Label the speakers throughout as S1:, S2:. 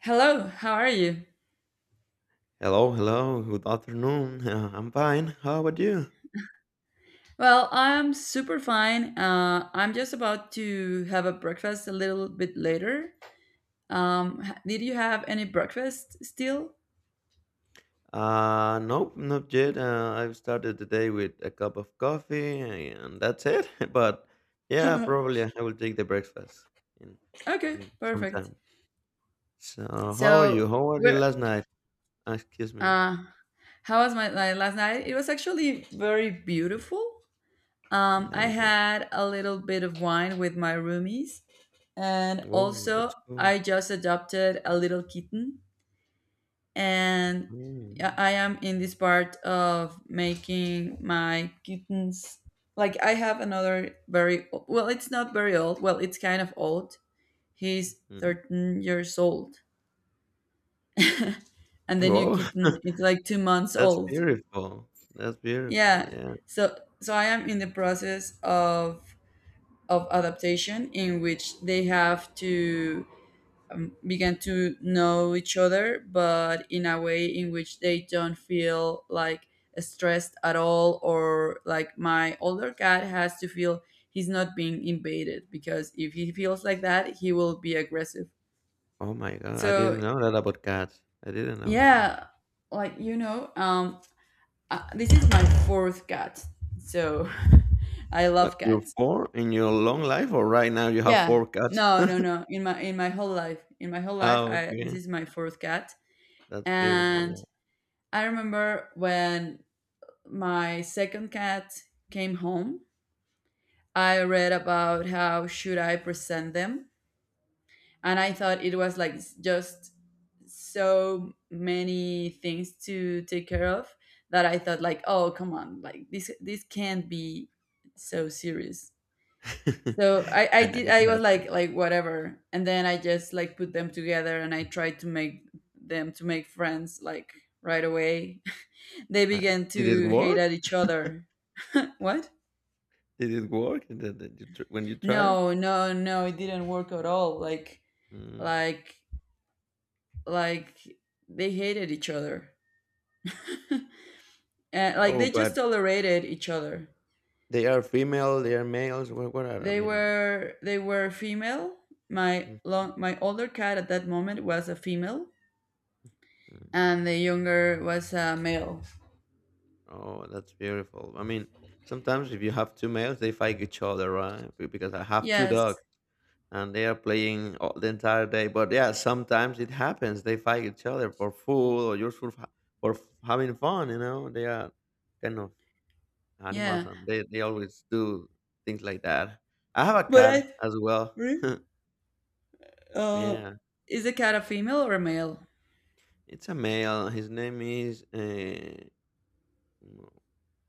S1: Hello, how are you?
S2: Hello, hello. Good afternoon. I'm fine. How about you?
S1: Well, I'm super fine. I'm just about to have a breakfast a little bit later. Did you have any breakfast still?
S2: Nope, not yet. I've started the day with a cup of coffee, and that's it. But yeah,
S1: Okay,
S2: probably I will take the breakfast in in some
S1: perfect.
S2: time. So, how are
S1: So
S2: you? How were you
S1: we're
S2: last night? Excuse me.
S1: uh, how was my last night? It was actually very beautiful.
S2: I
S1: I
S2: like it.
S1: had a little bit of wine with my roomies, and
S2: Whoa,
S1: also
S2: that's cool.
S1: I just adopted a little kitten and I
S2: Mm.
S1: I am in this part of making my kittens. Like I have another very well, it's not very old. Well, it's kind of old. He's
S2: Mm.
S1: 13 years old, and the new
S2: Whoa,
S1: kitten is like 2 months
S2: that's
S1: old.
S2: beautiful. That's beautiful.
S1: Yeah,
S2: Yeah.
S1: so I am in the process of adaptation in which they have to began to know each other, but in a way in which they don't feel like stressed at all, or like my older cat has to feel he's not being invaded because if he feels like that, he will be aggressive.
S2: Oh my God, I didn't
S1: So,
S2: know that about cats. I didn't know that.
S1: yeah, like you know, um, this is my fourth cat, so I love
S2: What, you
S1: cats.
S2: four in your long life, or right now you have
S1: Yeah,
S2: four cats?
S1: no, no, no. In my whole life, in my whole life,
S2: Oh,
S1: I this
S2: okay.
S1: is my fourth cat,
S2: That's beautiful.
S1: and I remember when my second cat came home, I read about how should I present them, and I thought it was like just so many things to take care of that I thought like, oh come on, like this can't be so serious.
S2: Yeah.
S1: So I, I
S2: yeah,
S1: did
S2: it
S1: I was
S2: happened.
S1: like whatever, and then I just like put them together and I tried to make them to make friends like right away. They
S2: Uh,
S1: began
S2: did it
S1: to hate
S2: work?
S1: at each other. What?
S2: Did it work? Did you when you tried?
S1: No, it didn't work at all.
S2: Mm.
S1: Like, like, they hated each other. And like
S2: Oh,
S1: they just
S2: but
S1: tolerated each other.
S2: they are female, they are males. What are, I
S1: They
S2: mean,
S1: were they were female. My
S2: mm,
S1: long my older cat at that moment was a female
S2: mm.
S1: and the younger was a male.
S2: Oh, that's beautiful. I mean, sometimes if you have two males, they fight each other, right? Because I have two dogs,
S1: Yes.
S2: and they are playing all, the entire day. But yeah, sometimes it happens. They fight each other for food or just for for having fun. You know, they are kind of animals,
S1: Yeah.
S2: and they always do things like that. I have a
S1: But
S2: cat
S1: I
S2: as well.
S1: re- uh
S2: yeah,
S1: is the cat a female or a male?
S2: it's a male. His name is.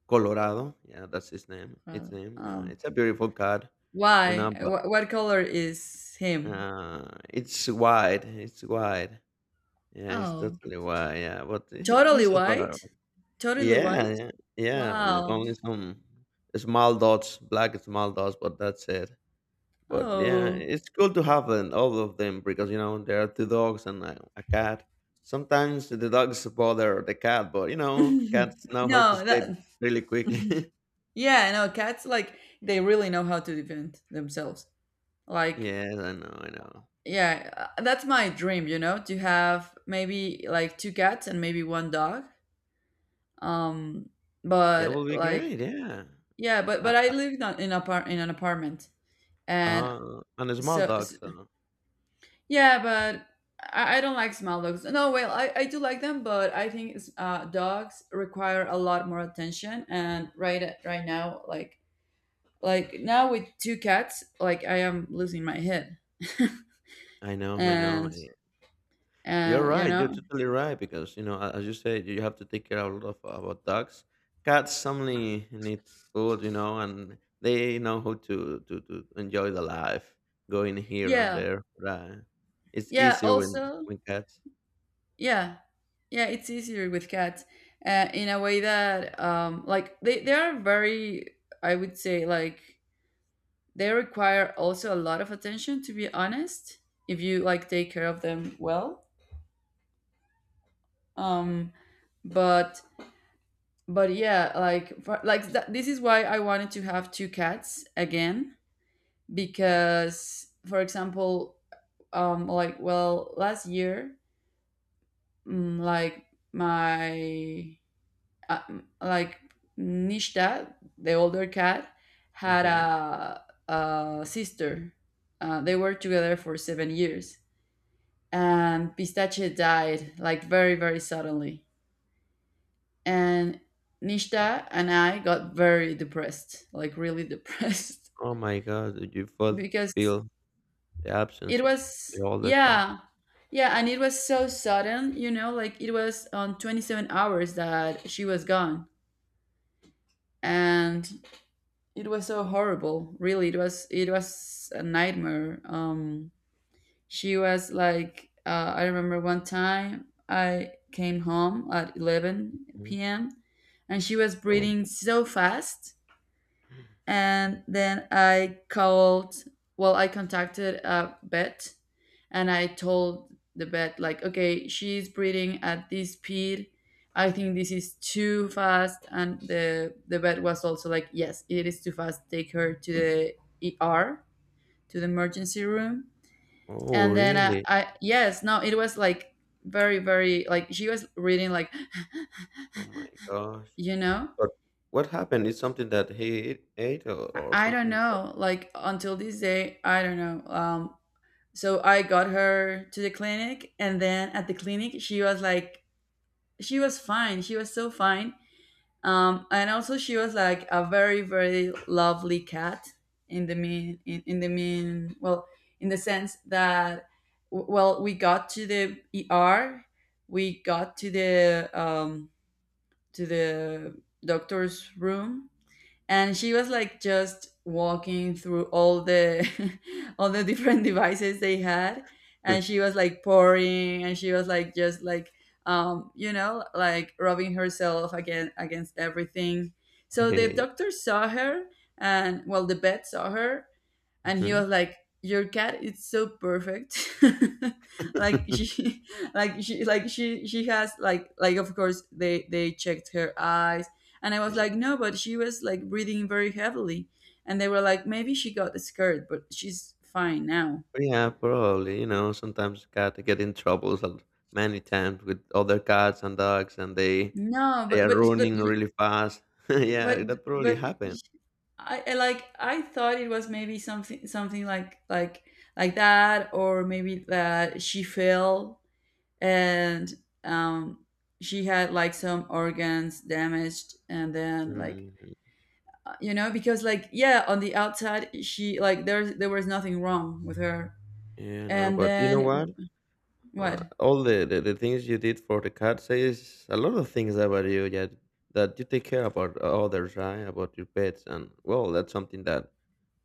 S2: Colorado, yeah, that's his name.
S1: Uh,
S2: Its name.
S1: oh.
S2: It's a beautiful cat, you
S1: Why?
S2: know. But
S1: Wh- what color is him?
S2: it's wide. It's wide. Yeah, it's
S1: Oh,
S2: totally wide. Yeah, but
S1: totally
S2: he's
S1: white?
S2: adorable.
S1: Totally
S2: Yeah,
S1: white?
S2: yeah, yeah.
S1: Wow.
S2: Only some small dots, black small dots, but that's it. But yeah,
S1: Oh.
S2: it's good to have an, all of them because you know there are two dogs and a cat. Sometimes the dogs bother the cat, but you know cats know how to
S1: No,
S2: escape
S1: that
S2: really quickly.
S1: Yeah, no, cats like they really know how to defend themselves. Like,
S2: yes, I know, I know.
S1: yeah, that's my dream, you know, to have maybe like two cats and maybe one dog. Um,
S2: Yeah,
S1: but
S2: will be
S1: like
S2: great. Yeah,
S1: Yeah, but
S2: uh,
S1: but I live in a par in an apartment. And
S2: and a small
S1: so
S2: dog. So
S1: Yeah, but I don't like small dogs. No, well, I do like them, but I think dogs require a lot more attention. And right now, now with two cats, like I am losing my head.
S2: I know, I know.
S1: and
S2: You're
S1: and you
S2: right. You're
S1: know,
S2: totally right because you know, as you said, you have to take care a lot of about dogs. Cats suddenly need food, you know, and they know how to to enjoy the life, going here and
S1: yeah,
S2: there. Right? It's
S1: yeah.
S2: easier when
S1: Also,
S2: cats.
S1: yeah, yeah. It's easier with cats, in a way that like they are very, I would say, like they require also a lot of attention to be honest if you like take care of them well. um but but yeah, like this is why I wanted to have two cats again
S2: Hmm.
S1: because for example, last year, mm, like my mm, like Nishta, the older cat, had
S2: Hmm.
S1: a sister. They were together for 7 years, and Pistache died like very suddenly, and Nishta and I got very depressed, like really depressed,
S2: Oh my God! Did you both
S1: because
S2: feel the absence
S1: it
S2: of
S1: was
S2: the older cat.
S1: yeah yeah, and it was so sudden, you know, like it was on 27 hours that she was gone, and it was so horrible. Really, it was a nightmare. She was like, I remember one time I came home at 11
S2: Mhm.
S1: p.m. and she was
S2: Oh,
S1: breathing so fast, and then I called, well, I contacted a vet, and I told the vet like, okay, she's breathing at this speed, I think this is too fast. And the vet was also like, yes, it is too fast, take her to the ER, to the emergency room.
S2: oh,
S1: And then
S2: really?
S1: I yes, no, it was like very very, like she was reading like
S2: Oh my gosh!
S1: you know.
S2: But what happened? Is something that he ate or
S1: I don't
S2: something
S1: know, like until this day I don't know. So I got her to the clinic, and then at the clinic she was like, she was fine, she was so fine. And also she was like a very lovely cat, in the mean well in the sense that well, we got to the ER, we got to the doctor's room, and she was like just walking through all the all the different devices they had,
S2: that?
S1: and she was like pouring, and she was like just like, you know, like rubbing herself again against everything. So the doctor saw her, and well, the vet saw her, and he
S2: Mhm.
S1: was like, your cat is so perfect. like she like she has like of course they checked her eyes, and I was
S2: Yeah.
S1: like, no, but she was like breathing very heavily. And they were like, maybe she got scared, but she's fine now.
S2: Yeah, probably, you know, sometimes cat get in troubles many times with other cats and dogs and they
S1: No
S2: they
S1: but
S2: are running really fast.
S1: but,
S2: Yeah, that probably
S1: but
S2: happened.
S1: I like I thought it was maybe something like that, or maybe that she fell and, um, she had like some organs damaged, and then like,
S2: Mhm.
S1: you know, because like, yeah, on the outside she like, there was nothing wrong with her.
S2: Yeah, no,
S1: And
S2: but you know
S1: then
S2: what?
S1: what?
S2: All the things you did for the cat says a lot of things about you yeah, that you take care about others, right? About your pets. And well, that's something that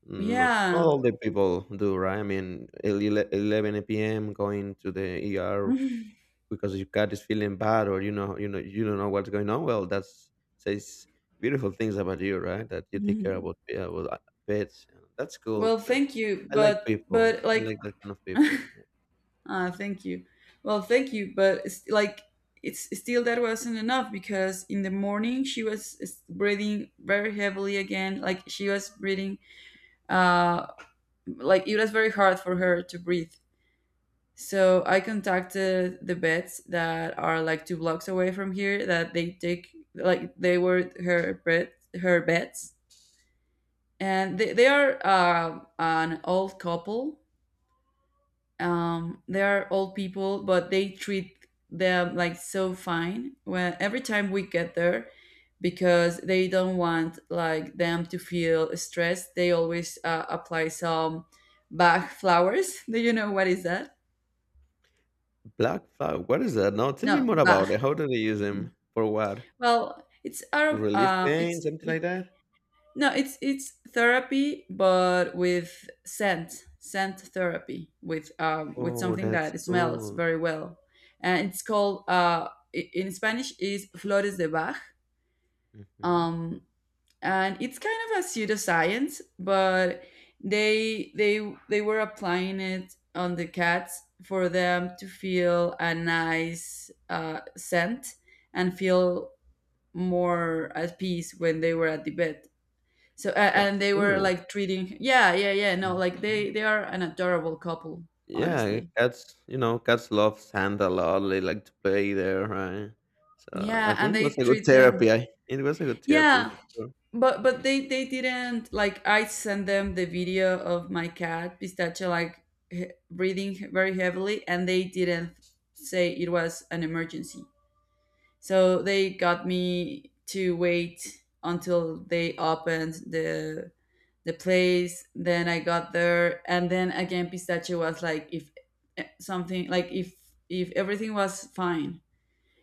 S2: no, not
S1: Yeah.
S2: all the people do, right? I mean, 11 p.m. going to the ER because your cat is feeling bad or you know you know you don't know what's going on well that's says beautiful things about you right that you take care about yeah well pets and that's cool
S1: Well,
S2: because
S1: thank you,
S2: I like people
S1: but
S2: I
S1: like,
S2: like that kind of people. Yeah.
S1: ah, thank you, well, thank you, but it's like, it's still, that wasn't enough, because in the morning she was breathing very heavily again, like she was breathing, uh like it was very hard for her to breathe. So I contacted the vets that are like two blocks away from here, that they take, like they were her vets, and they are an old couple. They are old people, but they treat them like so fine. When every time we get there, because they don't want like them to feel stressed, they always apply some Bach flowers. Do you know what is that?
S2: Black flag, what is that now? Tell me
S1: No,
S2: more
S1: Bach.
S2: about it. How do they use them? For what?
S1: Well, it's
S2: To
S1: Arab.
S2: relieve pain, something like that?
S1: No, it's therapy, but with scent, scent therapy, with
S2: Oh,
S1: something
S2: that's
S1: that smells
S2: cool.
S1: very well, and it's called in Spanish is flores de Bach.
S2: Hmm.
S1: Um, and it's kind of a pseudoscience, but they were applying it on the cats for them to feel a nice scent, and feel more at peace when they were at the bed. So and
S2: That's
S1: they were
S2: cool.
S1: like treating, yeah yeah yeah, no, like
S2: Mm-hmm.
S1: they are an adorable couple,
S2: Yeah,
S1: honestly.
S2: cats, you know, cats love sand a lot. They like to play there, right? So I
S1: Yeah, and
S2: think it
S1: they
S2: was a good
S1: treat them.
S2: therapy. It was a good therapy
S1: Yeah,
S2: for sure.
S1: but they didn't, like I sent them the video of my cat Pistachio like breathing very heavily, and they didn't say it was an emergency. So they got me to wait until they opened the place. Then I got there, and then again, Pistachio was like, if something like, if everything was fine,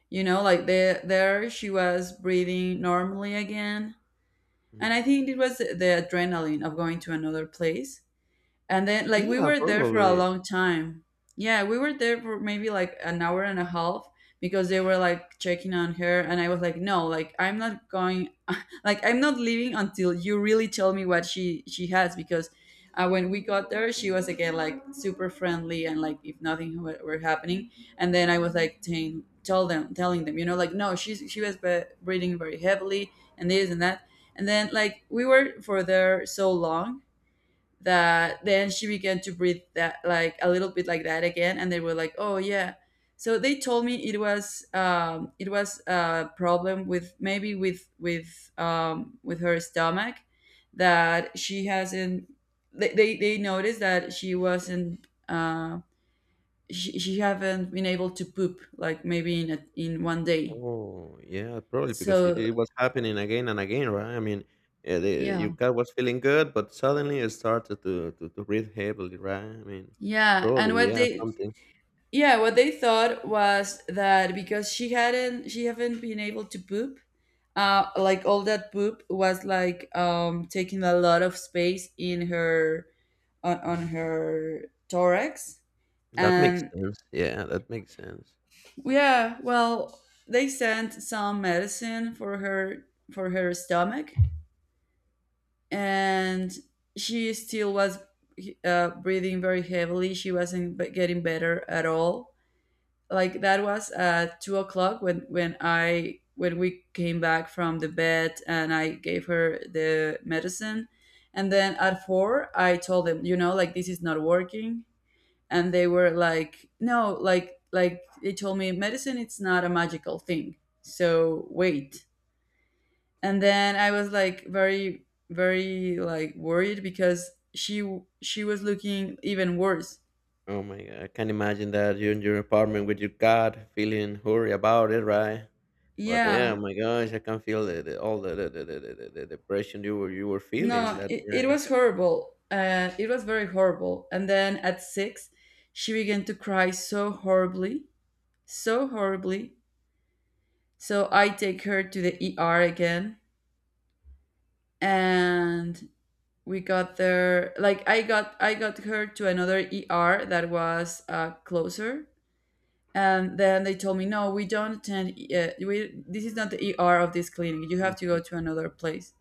S1: you know, like there she was breathing normally again. And
S2: Mm.
S1: I think it was the adrenaline of going to another place, and then like we
S2: Yeah,
S1: were there for a
S2: probably.
S1: long time. Yeah, we were there for maybe like an hour and a half, because they were like checking on her, and I was like, "No, like I'm not going, like I'm not leaving until you really tell me what she has," because when we got there, she
S2: Yeah.
S1: was again like super friendly and like if nothing were happening. And then I was like saying, tell them, telling them, you know, like, no, she was breathing very heavily and this and that. And then like we were for there so long, that then she began to breathe that like a little bit like that again, and they were like, oh yeah. So they told me it was a problem with maybe with her stomach, that she hasn't, they noticed that she wasn't she haven't been able to poop like maybe in in one day.
S2: Oh, yeah, probably because
S1: So
S2: it was happening again and again, right? I mean,
S1: yeah,
S2: your cat was feeling good, but suddenly it started to, to breathe heavily, right? I mean,
S1: yeah, and
S2: probably,
S1: what
S2: yeah,
S1: they...
S2: something.
S1: Yeah, what they thought was that because she haven't been able to poop, like all that poop was like taking a lot of space in her, on
S2: Mhm.
S1: her thorax,
S2: That makes
S1: and
S2: sense. Yeah, that makes sense.
S1: yeah, well, they sent some medicine for her, for her stomach, and she still was breathing very heavily. She wasn't getting better at all. Like that was at 2 o'clock when I when we came back from the vet and I gave her the medicine, and then at four I told them, you know, like this is not working. And they were like, no, like they told me medicine, it's not a magical thing, so wait. And then I was like very very like worried because she was looking even worse.
S2: Oh my god, I can imagine that you're in your apartment with your cat, feeling hurry about it, right? But yeah, oh
S1: Yeah.
S2: my gosh, I can feel the all the depression you were feeling.
S1: No,
S2: That
S1: it
S2: yeah.
S1: was horrible. It was very horrible. And then at six, she began to cry so horribly, so horribly. So I take her to the ER again, and we got there. Like I got her to another ER that was closer. And then they told me, no, we don't attend. We This is not the ER of this clinic. You have to go
S2: Mhm.
S1: to another place.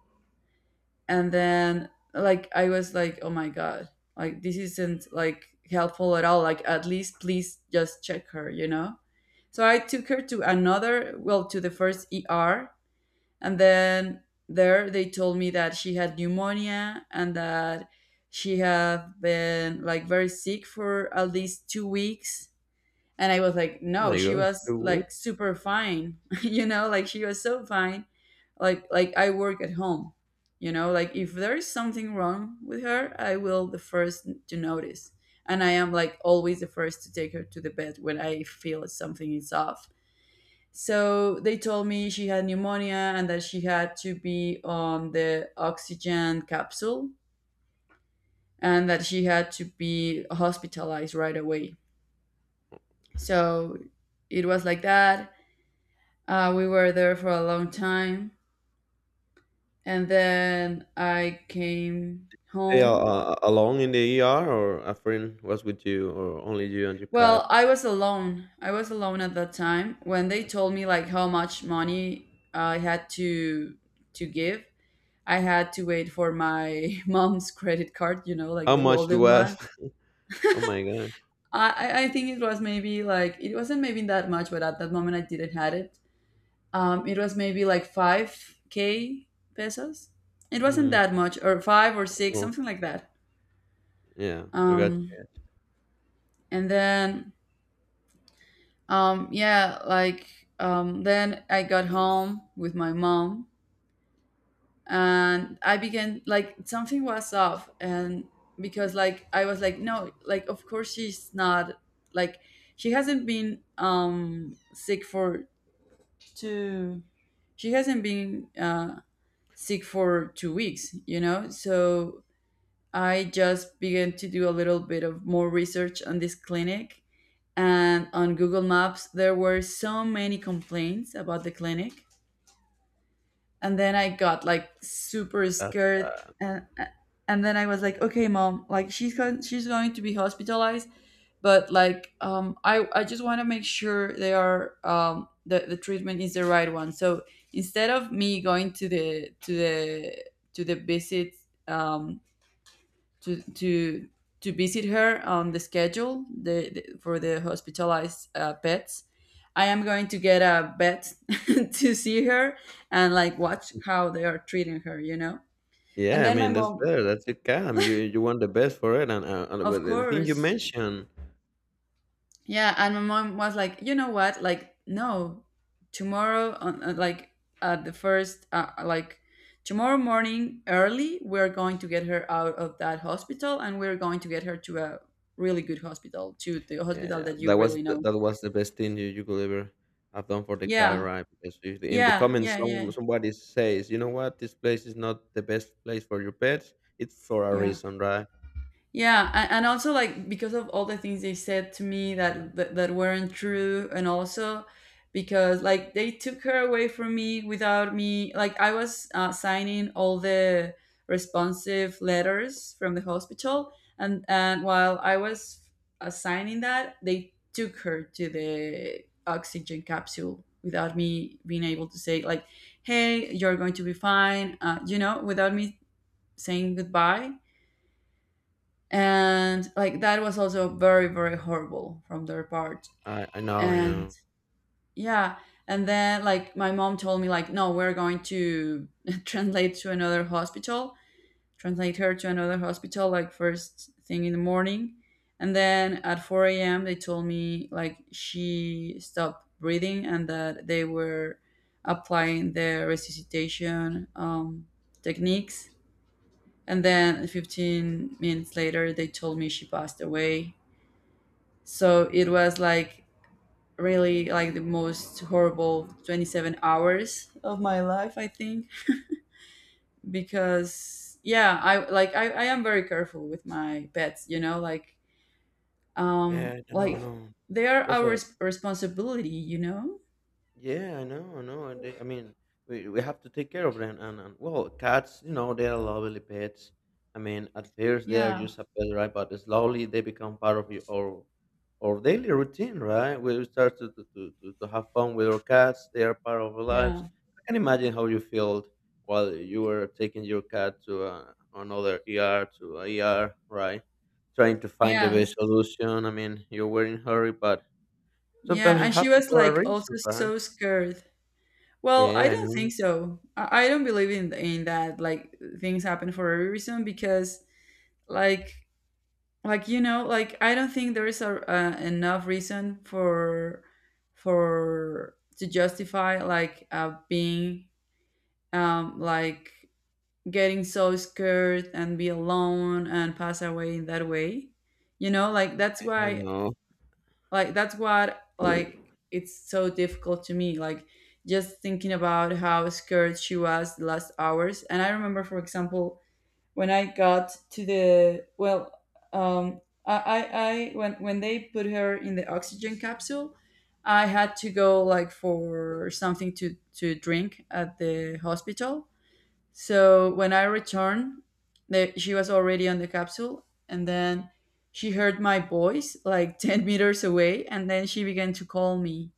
S1: And then like I was like, oh my god, like this isn't like helpful at all. Like at least please just check her, you know. So I took her to another, well, to the first ER, and then there they told me that she had pneumonia and that she had been like very sick for at least 2 weeks. And I was like, no,
S2: My
S1: she
S2: gosh,
S1: was
S2: do we
S1: like super fine, you know, like she was so fine. Like I work at home, you know, like if there is something wrong with her, I will the first to notice. And I am like always the first to take her to the bed when I feel something is off. So they told me she had pneumonia and that she had to be on the oxygen capsule and that she had to be hospitalized right away. So it was like that. We were there for a long time, and then I came
S2: stay
S1: home.
S2: alone in the ER, or a friend was with you, or only you and your cat?
S1: Well, I was alone. I was alone at that time when they told me like how much money I had to give. I had to wait for my mom's credit card, you know, like
S2: How
S1: the
S2: much it
S1: golden
S2: was?
S1: one.
S2: Oh my gosh.
S1: I think it was maybe like it wasn't maybe that much, but at that moment I didn't had it. It was maybe like five k pesos. It wasn't
S2: Mm,
S1: that much, or five or six,
S2: oh,
S1: something like that.
S2: yeah, I got
S1: um
S2: you.
S1: and then, um yeah like then I got home with my mom and I began like something was off. And because like I was like, no, like of course she's not, like she hasn't been sick for two she hasn't been sick for 2 weeks, you know. So I just began to do a little bit of more research on this clinic, and on Google Maps there were so many complaints about the clinic, and then I got like super
S2: That's
S1: scared.
S2: bad.
S1: and and then I was like, okay, mom, like she's going to be hospitalized, but like I just want to make sure they are the treatment is the right one. So instead of me going to the visit, um to to to visit her on the schedule for the hospitalized pets, I am going to get a vet to see her and like watch how they are treating her, you know. And
S2: Yeah, I
S1: then my
S2: mean that's
S1: mom,
S2: better. That's your cat. I mean, you want the best for it, and
S1: of
S2: with the thing you
S1: course,
S2: mentioned.
S1: yeah, and my mom was like, you know what? Like, no, tomorrow, on, like at the first, like tomorrow morning early, we're going to get her out of that hospital, and we're going to get her to a really good hospital, to the hospital
S2: Yeah,
S1: that you
S2: that was
S1: really know.
S2: that was the best thing you, you could ever have done for the car
S1: Yeah,
S2: ride because if in the
S1: yeah,
S2: comments
S1: yeah, yeah,
S2: some somebody says, you know what, this place is not the best place for your pets. It's for a
S1: yeah.
S2: reason, right?
S1: Yeah, and also like because of all the things they said to me that that weren't true, and also because like they took her away from me without me. Like I was signing all the responsive letters from the hospital, and while I was signing that, they took her to the oxygen capsule without me being able to say like, "Hey, you're going to be fine," you know, without me saying goodbye. And like that was also very very horrible from their part.
S2: I know, I
S1: And
S2: know.
S1: yeah, and then like my mom told me like, no, we're going to translate to another hospital, translate her to another hospital like first thing in the morning. And then at 4 a.m. they told me like she stopped breathing and that they were applying the resuscitation techniques, and then 15 minutes later they told me she passed away. So it was like really like the most horrible 27 hours of my life, I think, because yeah, I like I am very careful with my pets, you know, like
S2: Yeah,
S1: um
S2: I know, I
S1: like
S2: know.
S1: they are
S2: What's
S1: our
S2: up?
S1: responsibility, you know?
S2: Yeah, I know, I know. They, I mean, we have to take care of them. And well, cats, you know, they are lovely pets. I mean, at first they are
S1: Yeah,
S2: just a pet, right? But slowly they become part of your our daily routine, right? We start to, to have fun with our cats. They are part of our
S1: yeah.
S2: lives. I can imagine how you felt while you were taking your cat to another ER, to a ER, right? Trying to find the
S1: Yes.
S2: best solution. I mean, you were in hurry, but sometimes
S1: Yeah,
S2: it
S1: and she
S2: happens
S1: was
S2: for a
S1: like also
S2: reason, right?
S1: so scared. Well, I
S2: Yeah, I
S1: don't
S2: know,
S1: think so. I don't believe in that, like things happen for a reason. Because like you know, like I don't think there is a enough reason for to justify like being um like getting so scared and be alone and pass away in that way, you know. Like that's
S2: I
S1: why,
S2: know.
S1: like that's what like it's so difficult to me, like just thinking about how scared she was the last hours. And I remember, for example, when I got to the, well, um, I when they put her in the oxygen capsule, I had to go like for something to drink at the hospital. So when I returned, she was already on the capsule, and then she heard my voice like 10 meters away, and then she began to call me,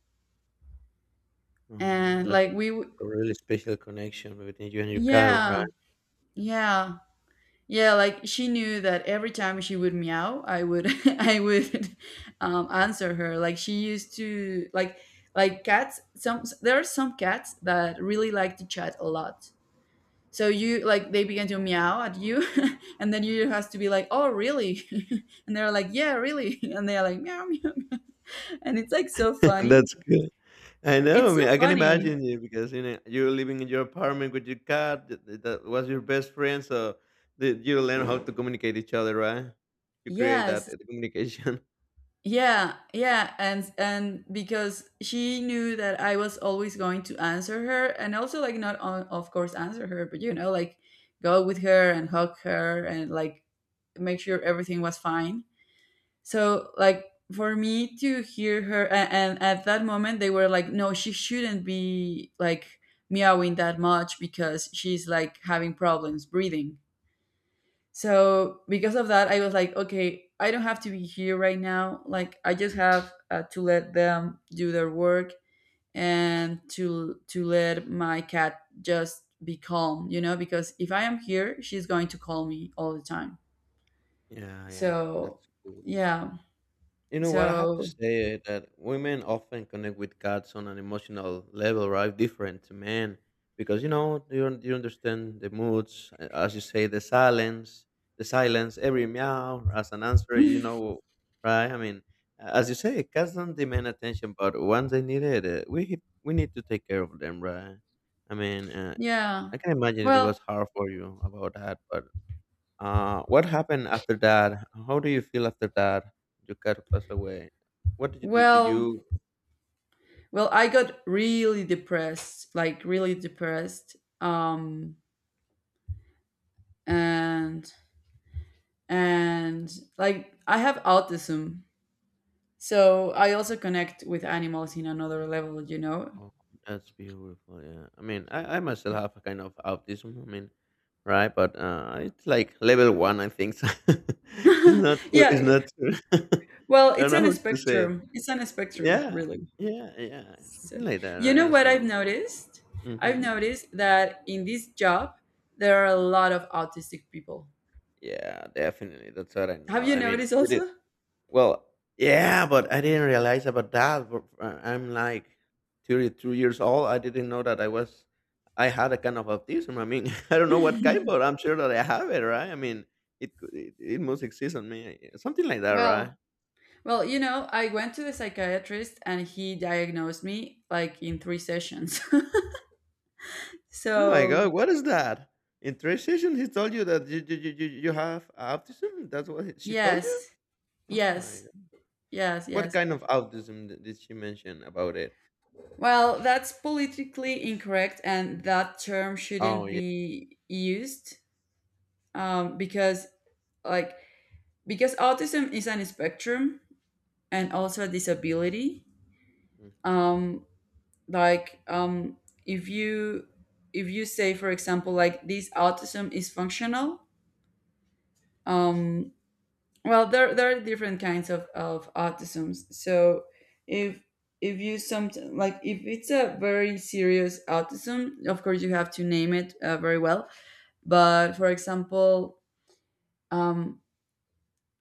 S2: Oh my
S1: and
S2: god,
S1: like
S2: that's a really special connection between you and your car,
S1: yeah,
S2: right?
S1: yeah. Yeah, like she knew that every time she would meow, I would I would answer her. Like she used to like cats. Some There are some cats that really like to chat a lot. So you like they begin to meow at you, and then you has to be like, "Oh, really?" And they're like, "Yeah, really," and they're like, "Meow, meow, meow," and it's like so funny.
S2: That's good. I know.
S1: It's
S2: I
S1: so
S2: mean, I can
S1: funny.
S2: imagine you because you know you're living in your apartment with your cat. That was your best friend, so you learn how to communicate each other, right? You create that
S1: Yes.
S2: communication.
S1: Yeah, yeah, and because she knew that I was always going to answer her, and also like not on, of course answer her, but you know like go with her and hug her and like make sure everything was fine. So like for me to hear her, and at that moment they were like, no, she shouldn't be like meowing that much because she's like having problems breathing. So because of that, I was like, okay, I don't have to be here right now. Like I just have to let them do their work and to let my cat just be calm, you know, because if I am here, she's going to call me all the time.
S2: Yeah, yeah,
S1: So
S2: that's cool.
S1: yeah.
S2: You know what? I have to
S1: So
S2: say that women often connect with cats on an emotional level, right? Different to men, because you know you you understand the moods, as you say, the silence, every meow as an answer. You know, right? I mean, as you say, cats don't demand attention, but once they need it, we we need to take care of them, right? I mean,
S1: yeah.
S2: I can imagine it
S1: Well,
S2: was hard for you about that, but what happened after that? How do you feel after that? Your cat passed away. What did you do? Did
S1: well,
S2: you?
S1: well, I got really depressed, like really depressed. And and like I have autism, so I also connect with animals in another level, you know.
S2: Oh, that's beautiful. Yeah. I mean, I myself have a kind of autism. I mean, right? But it's like level one, I think. So it's not. It's
S1: Yeah,
S2: not. Too-
S1: well,
S2: I don't
S1: it's
S2: know
S1: an
S2: how to say it.
S1: spectrum, it's an spectrum
S2: Yeah.
S1: really.
S2: Yeah. Yeah.
S1: So
S2: Something like that,
S1: you know
S2: right?
S1: what
S2: So,
S1: I've noticed, I've
S2: hmm,
S1: noticed that in this job there are a lot of autistic people.
S2: yeah, definitely. That's what I know.
S1: Have you
S2: I mean,
S1: noticed
S2: we did.
S1: also?
S2: Well, yeah, but I didn't realize about that. But, I'm like 32 years old. I didn't know that I was, I had a kind of autism. I mean, I don't know what kind, but I'm sure that I have it, right? I mean, it must exist on me, eh, something like that, right?
S1: well you know, I went to the psychiatrist and he diagnosed me like in three sessions.
S2: Oh my
S1: So
S2: God, what is that? In three sessions, he told you that you have autism. That's what she told you.
S1: yes,
S2: Oh my
S1: yes.
S2: God.
S1: Yes,
S2: What
S1: yes.
S2: kind of autism did she mention about it?
S1: Well, that's politically incorrect, and that term
S2: Oh
S1: shouldn't
S2: yeah.
S1: be used, because, like, because autism is an spectrum and also a disability.
S2: Mhm.
S1: Um, like, um, if you, say, for example, like this autism is functional, um, well, there are different kinds of autisms. So if, you some, like if it's a very serious autism, of course you have to name it very well. But for example, um,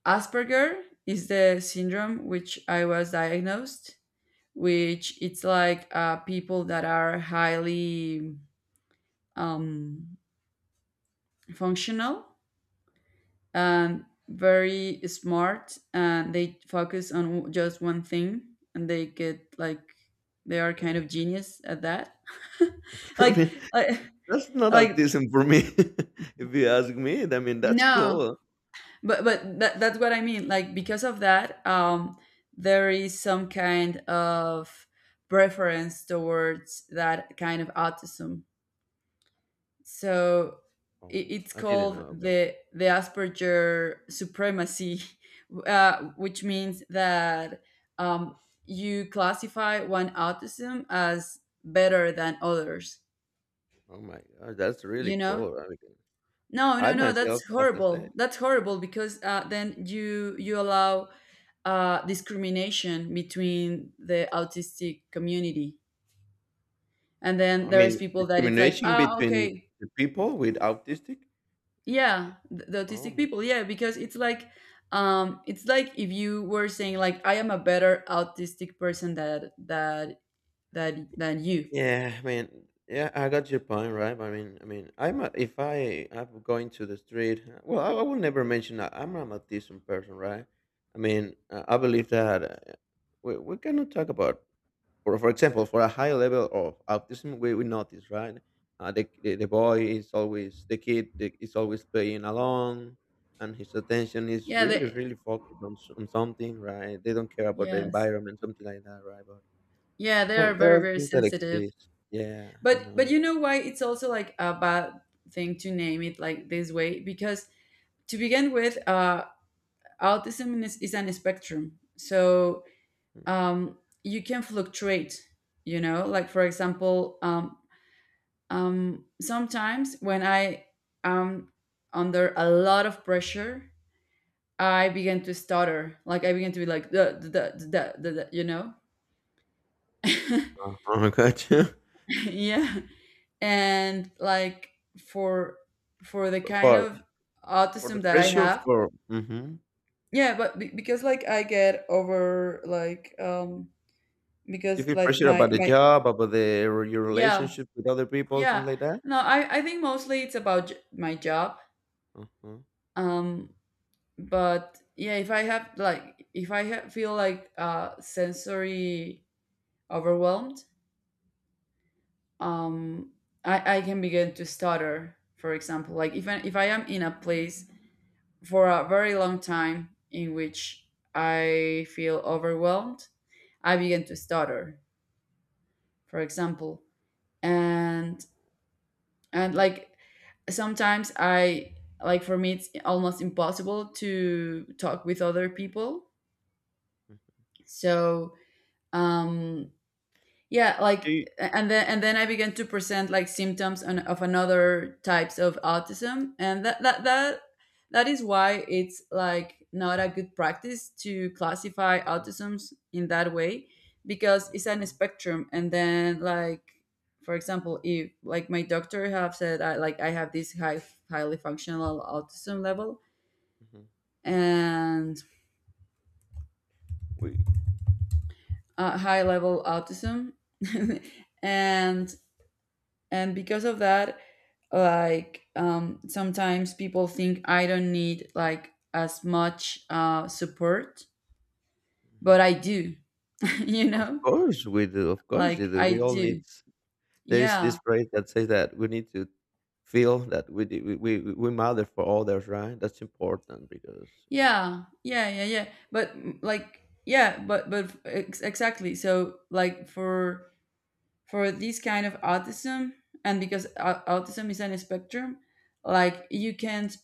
S1: Asperger is the syndrome which I was diagnosed, which it's like people that are highly um, functional and very smart, and they focus on just one thing and they get like, they are kind
S2: Well,
S1: of genius at that.
S2: I
S1: like
S2: mean,
S1: like,
S2: that's not
S1: like
S2: autism for me, if you ask me. I mean, that's
S1: no,
S2: cool.
S1: but that, that's what I mean, like because of that there is some kind of preference towards that kind of autism. So I-
S2: Oh,
S1: it's
S2: I didn't know
S1: called
S2: about it.
S1: the Asperger supremacy, which means that um, you classify one autism as better than others.
S2: Oh my God, that's really
S1: You know?
S2: cool. I, mean,
S1: No,
S2: I
S1: no, no.
S2: myself,
S1: That's
S2: as I said,
S1: horrible. That's horrible because then you allow discrimination between the autistic community, and then
S2: I
S1: there's
S2: mean,
S1: people that it's like,
S2: discrimination
S1: ah,
S2: between
S1: okay.
S2: the people with autistic.
S1: Yeah, the
S2: Oh
S1: autistic
S2: my.
S1: people, yeah, because it's like if you were saying like I am a better autistic person that than you.
S2: Yeah, I mean, yeah, I got your point, right? I mean, I'm a, if I I'm going to the street, well, I will never mention that I'm an autism person, right? I mean, I believe that we cannot talk about for example, for a high level of autism, we notice, right? The boy is always the kid is always playing along, and his attention is
S1: Yeah
S2: really really focused on on something, right? They don't care about the
S1: yes.
S2: environment, something like that, right? But
S1: Yeah, they
S2: so
S1: are
S2: there
S1: very
S2: are
S1: very
S2: things that
S1: sensitive.
S2: exist. Yeah, I
S1: But
S2: know.
S1: you know why it's also like a bad thing to name it like this way, because to begin with, autism is an spectrum. So
S2: Mm.
S1: um you can fluctuate, you know. Like for example sometimes when I am under a lot of pressure, I begin to stutter. Like I begin to be like the you know,
S2: Uh-huh, I
S1: yeah. And like for, the kind
S2: For
S1: of autism
S2: the
S1: that I
S2: pressure
S1: have,
S2: for hmm
S1: yeah. But because like I get over like
S2: you
S1: because
S2: feel
S1: like
S2: pressure
S1: my
S2: about the
S1: my
S2: job, about the your
S1: yeah,
S2: relationship with other people,
S1: yeah,
S2: things like that.
S1: no, I think mostly it's about my job.
S2: Uh-huh.
S1: um but yeah, if I have like if I ha feel like sensory overwhelmed, um I can begin to stutter, for example. Like if I, if I am in a place for a very long time in which I feel overwhelmed, I begin to stutter, for example. and and like sometimes I, like for me it's almost impossible to talk with other people. So um yeah,
S2: Do
S1: like.
S2: you,
S1: And then I began to present like symptoms on, of another types of autism, and that is why it's like not a good practice to classify autisms in that way, because it's an
S2: Mhm.
S1: spectrum. And then like, for example, if like my doctor have said I like I have this highly functional autism level,
S2: Mhm.
S1: and
S2: We
S1: high level autism. and and because of that, like sometimes people think I don't need like as much support,
S2: mhm.
S1: but I do. You
S2: Of
S1: know,
S2: course we do, of course
S1: like
S2: you do.
S1: I
S2: We all need
S1: do.
S2: s there's
S1: Yeah,
S2: this phrase that says that we need to feel that we matter for others, right? That's important because
S1: yeah, yeah, yeah, yeah, but yeah, but exactly. So like for, this kind of autism, and because autism is on a spectrum, like you can't,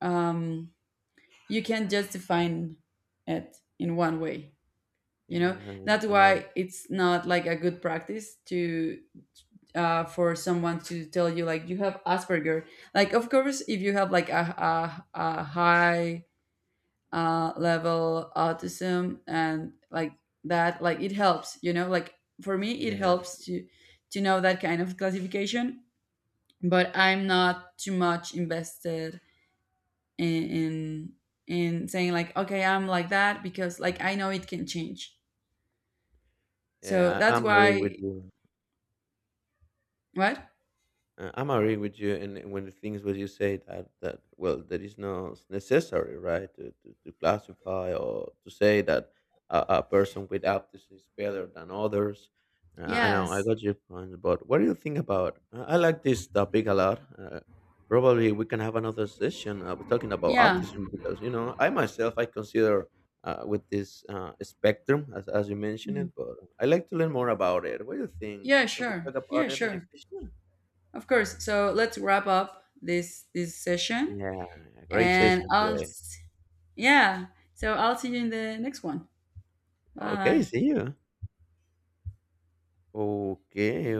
S1: um you can't just define it in one way,
S2: yeah,
S1: you know.
S2: I know,
S1: That's
S2: I know.
S1: why it's not like a good practice to, for someone to tell you like you have Asperger. Like of course if you have like a high level autism and like that, like it helps, you know, like for me it
S2: Yeah,
S1: helps to know that kind of classification. But I'm not too much invested in in, in saying like, okay, I'm like that, because like I know it can change. So
S2: yeah, I
S1: that's
S2: I'm agree with
S1: why.
S2: you.
S1: What?
S2: I'm agree with you, and when the things what you say that that well, that is not necessary, right? To to classify or to say that a person with autism is better than others. I know I
S1: Yes.
S2: got your point, but what do you think about? I like this topic a lot. Probably we can have another session talking about
S1: Yeah.
S2: autism because you know I myself I consider with this spectrum as you mentioned
S1: Mhm.
S2: it, but I like to learn more about it. What do you think?
S1: Yeah,
S2: Can we
S1: sure.
S2: talk about
S1: Yeah,
S2: it in next
S1: sure.
S2: session?
S1: Of course. So let's wrap up this this session,
S2: Yeah, great
S1: and
S2: session today.
S1: yeah. So I'll see you in the next one.
S2: Okay,
S1: Bye.
S2: see you. Okay,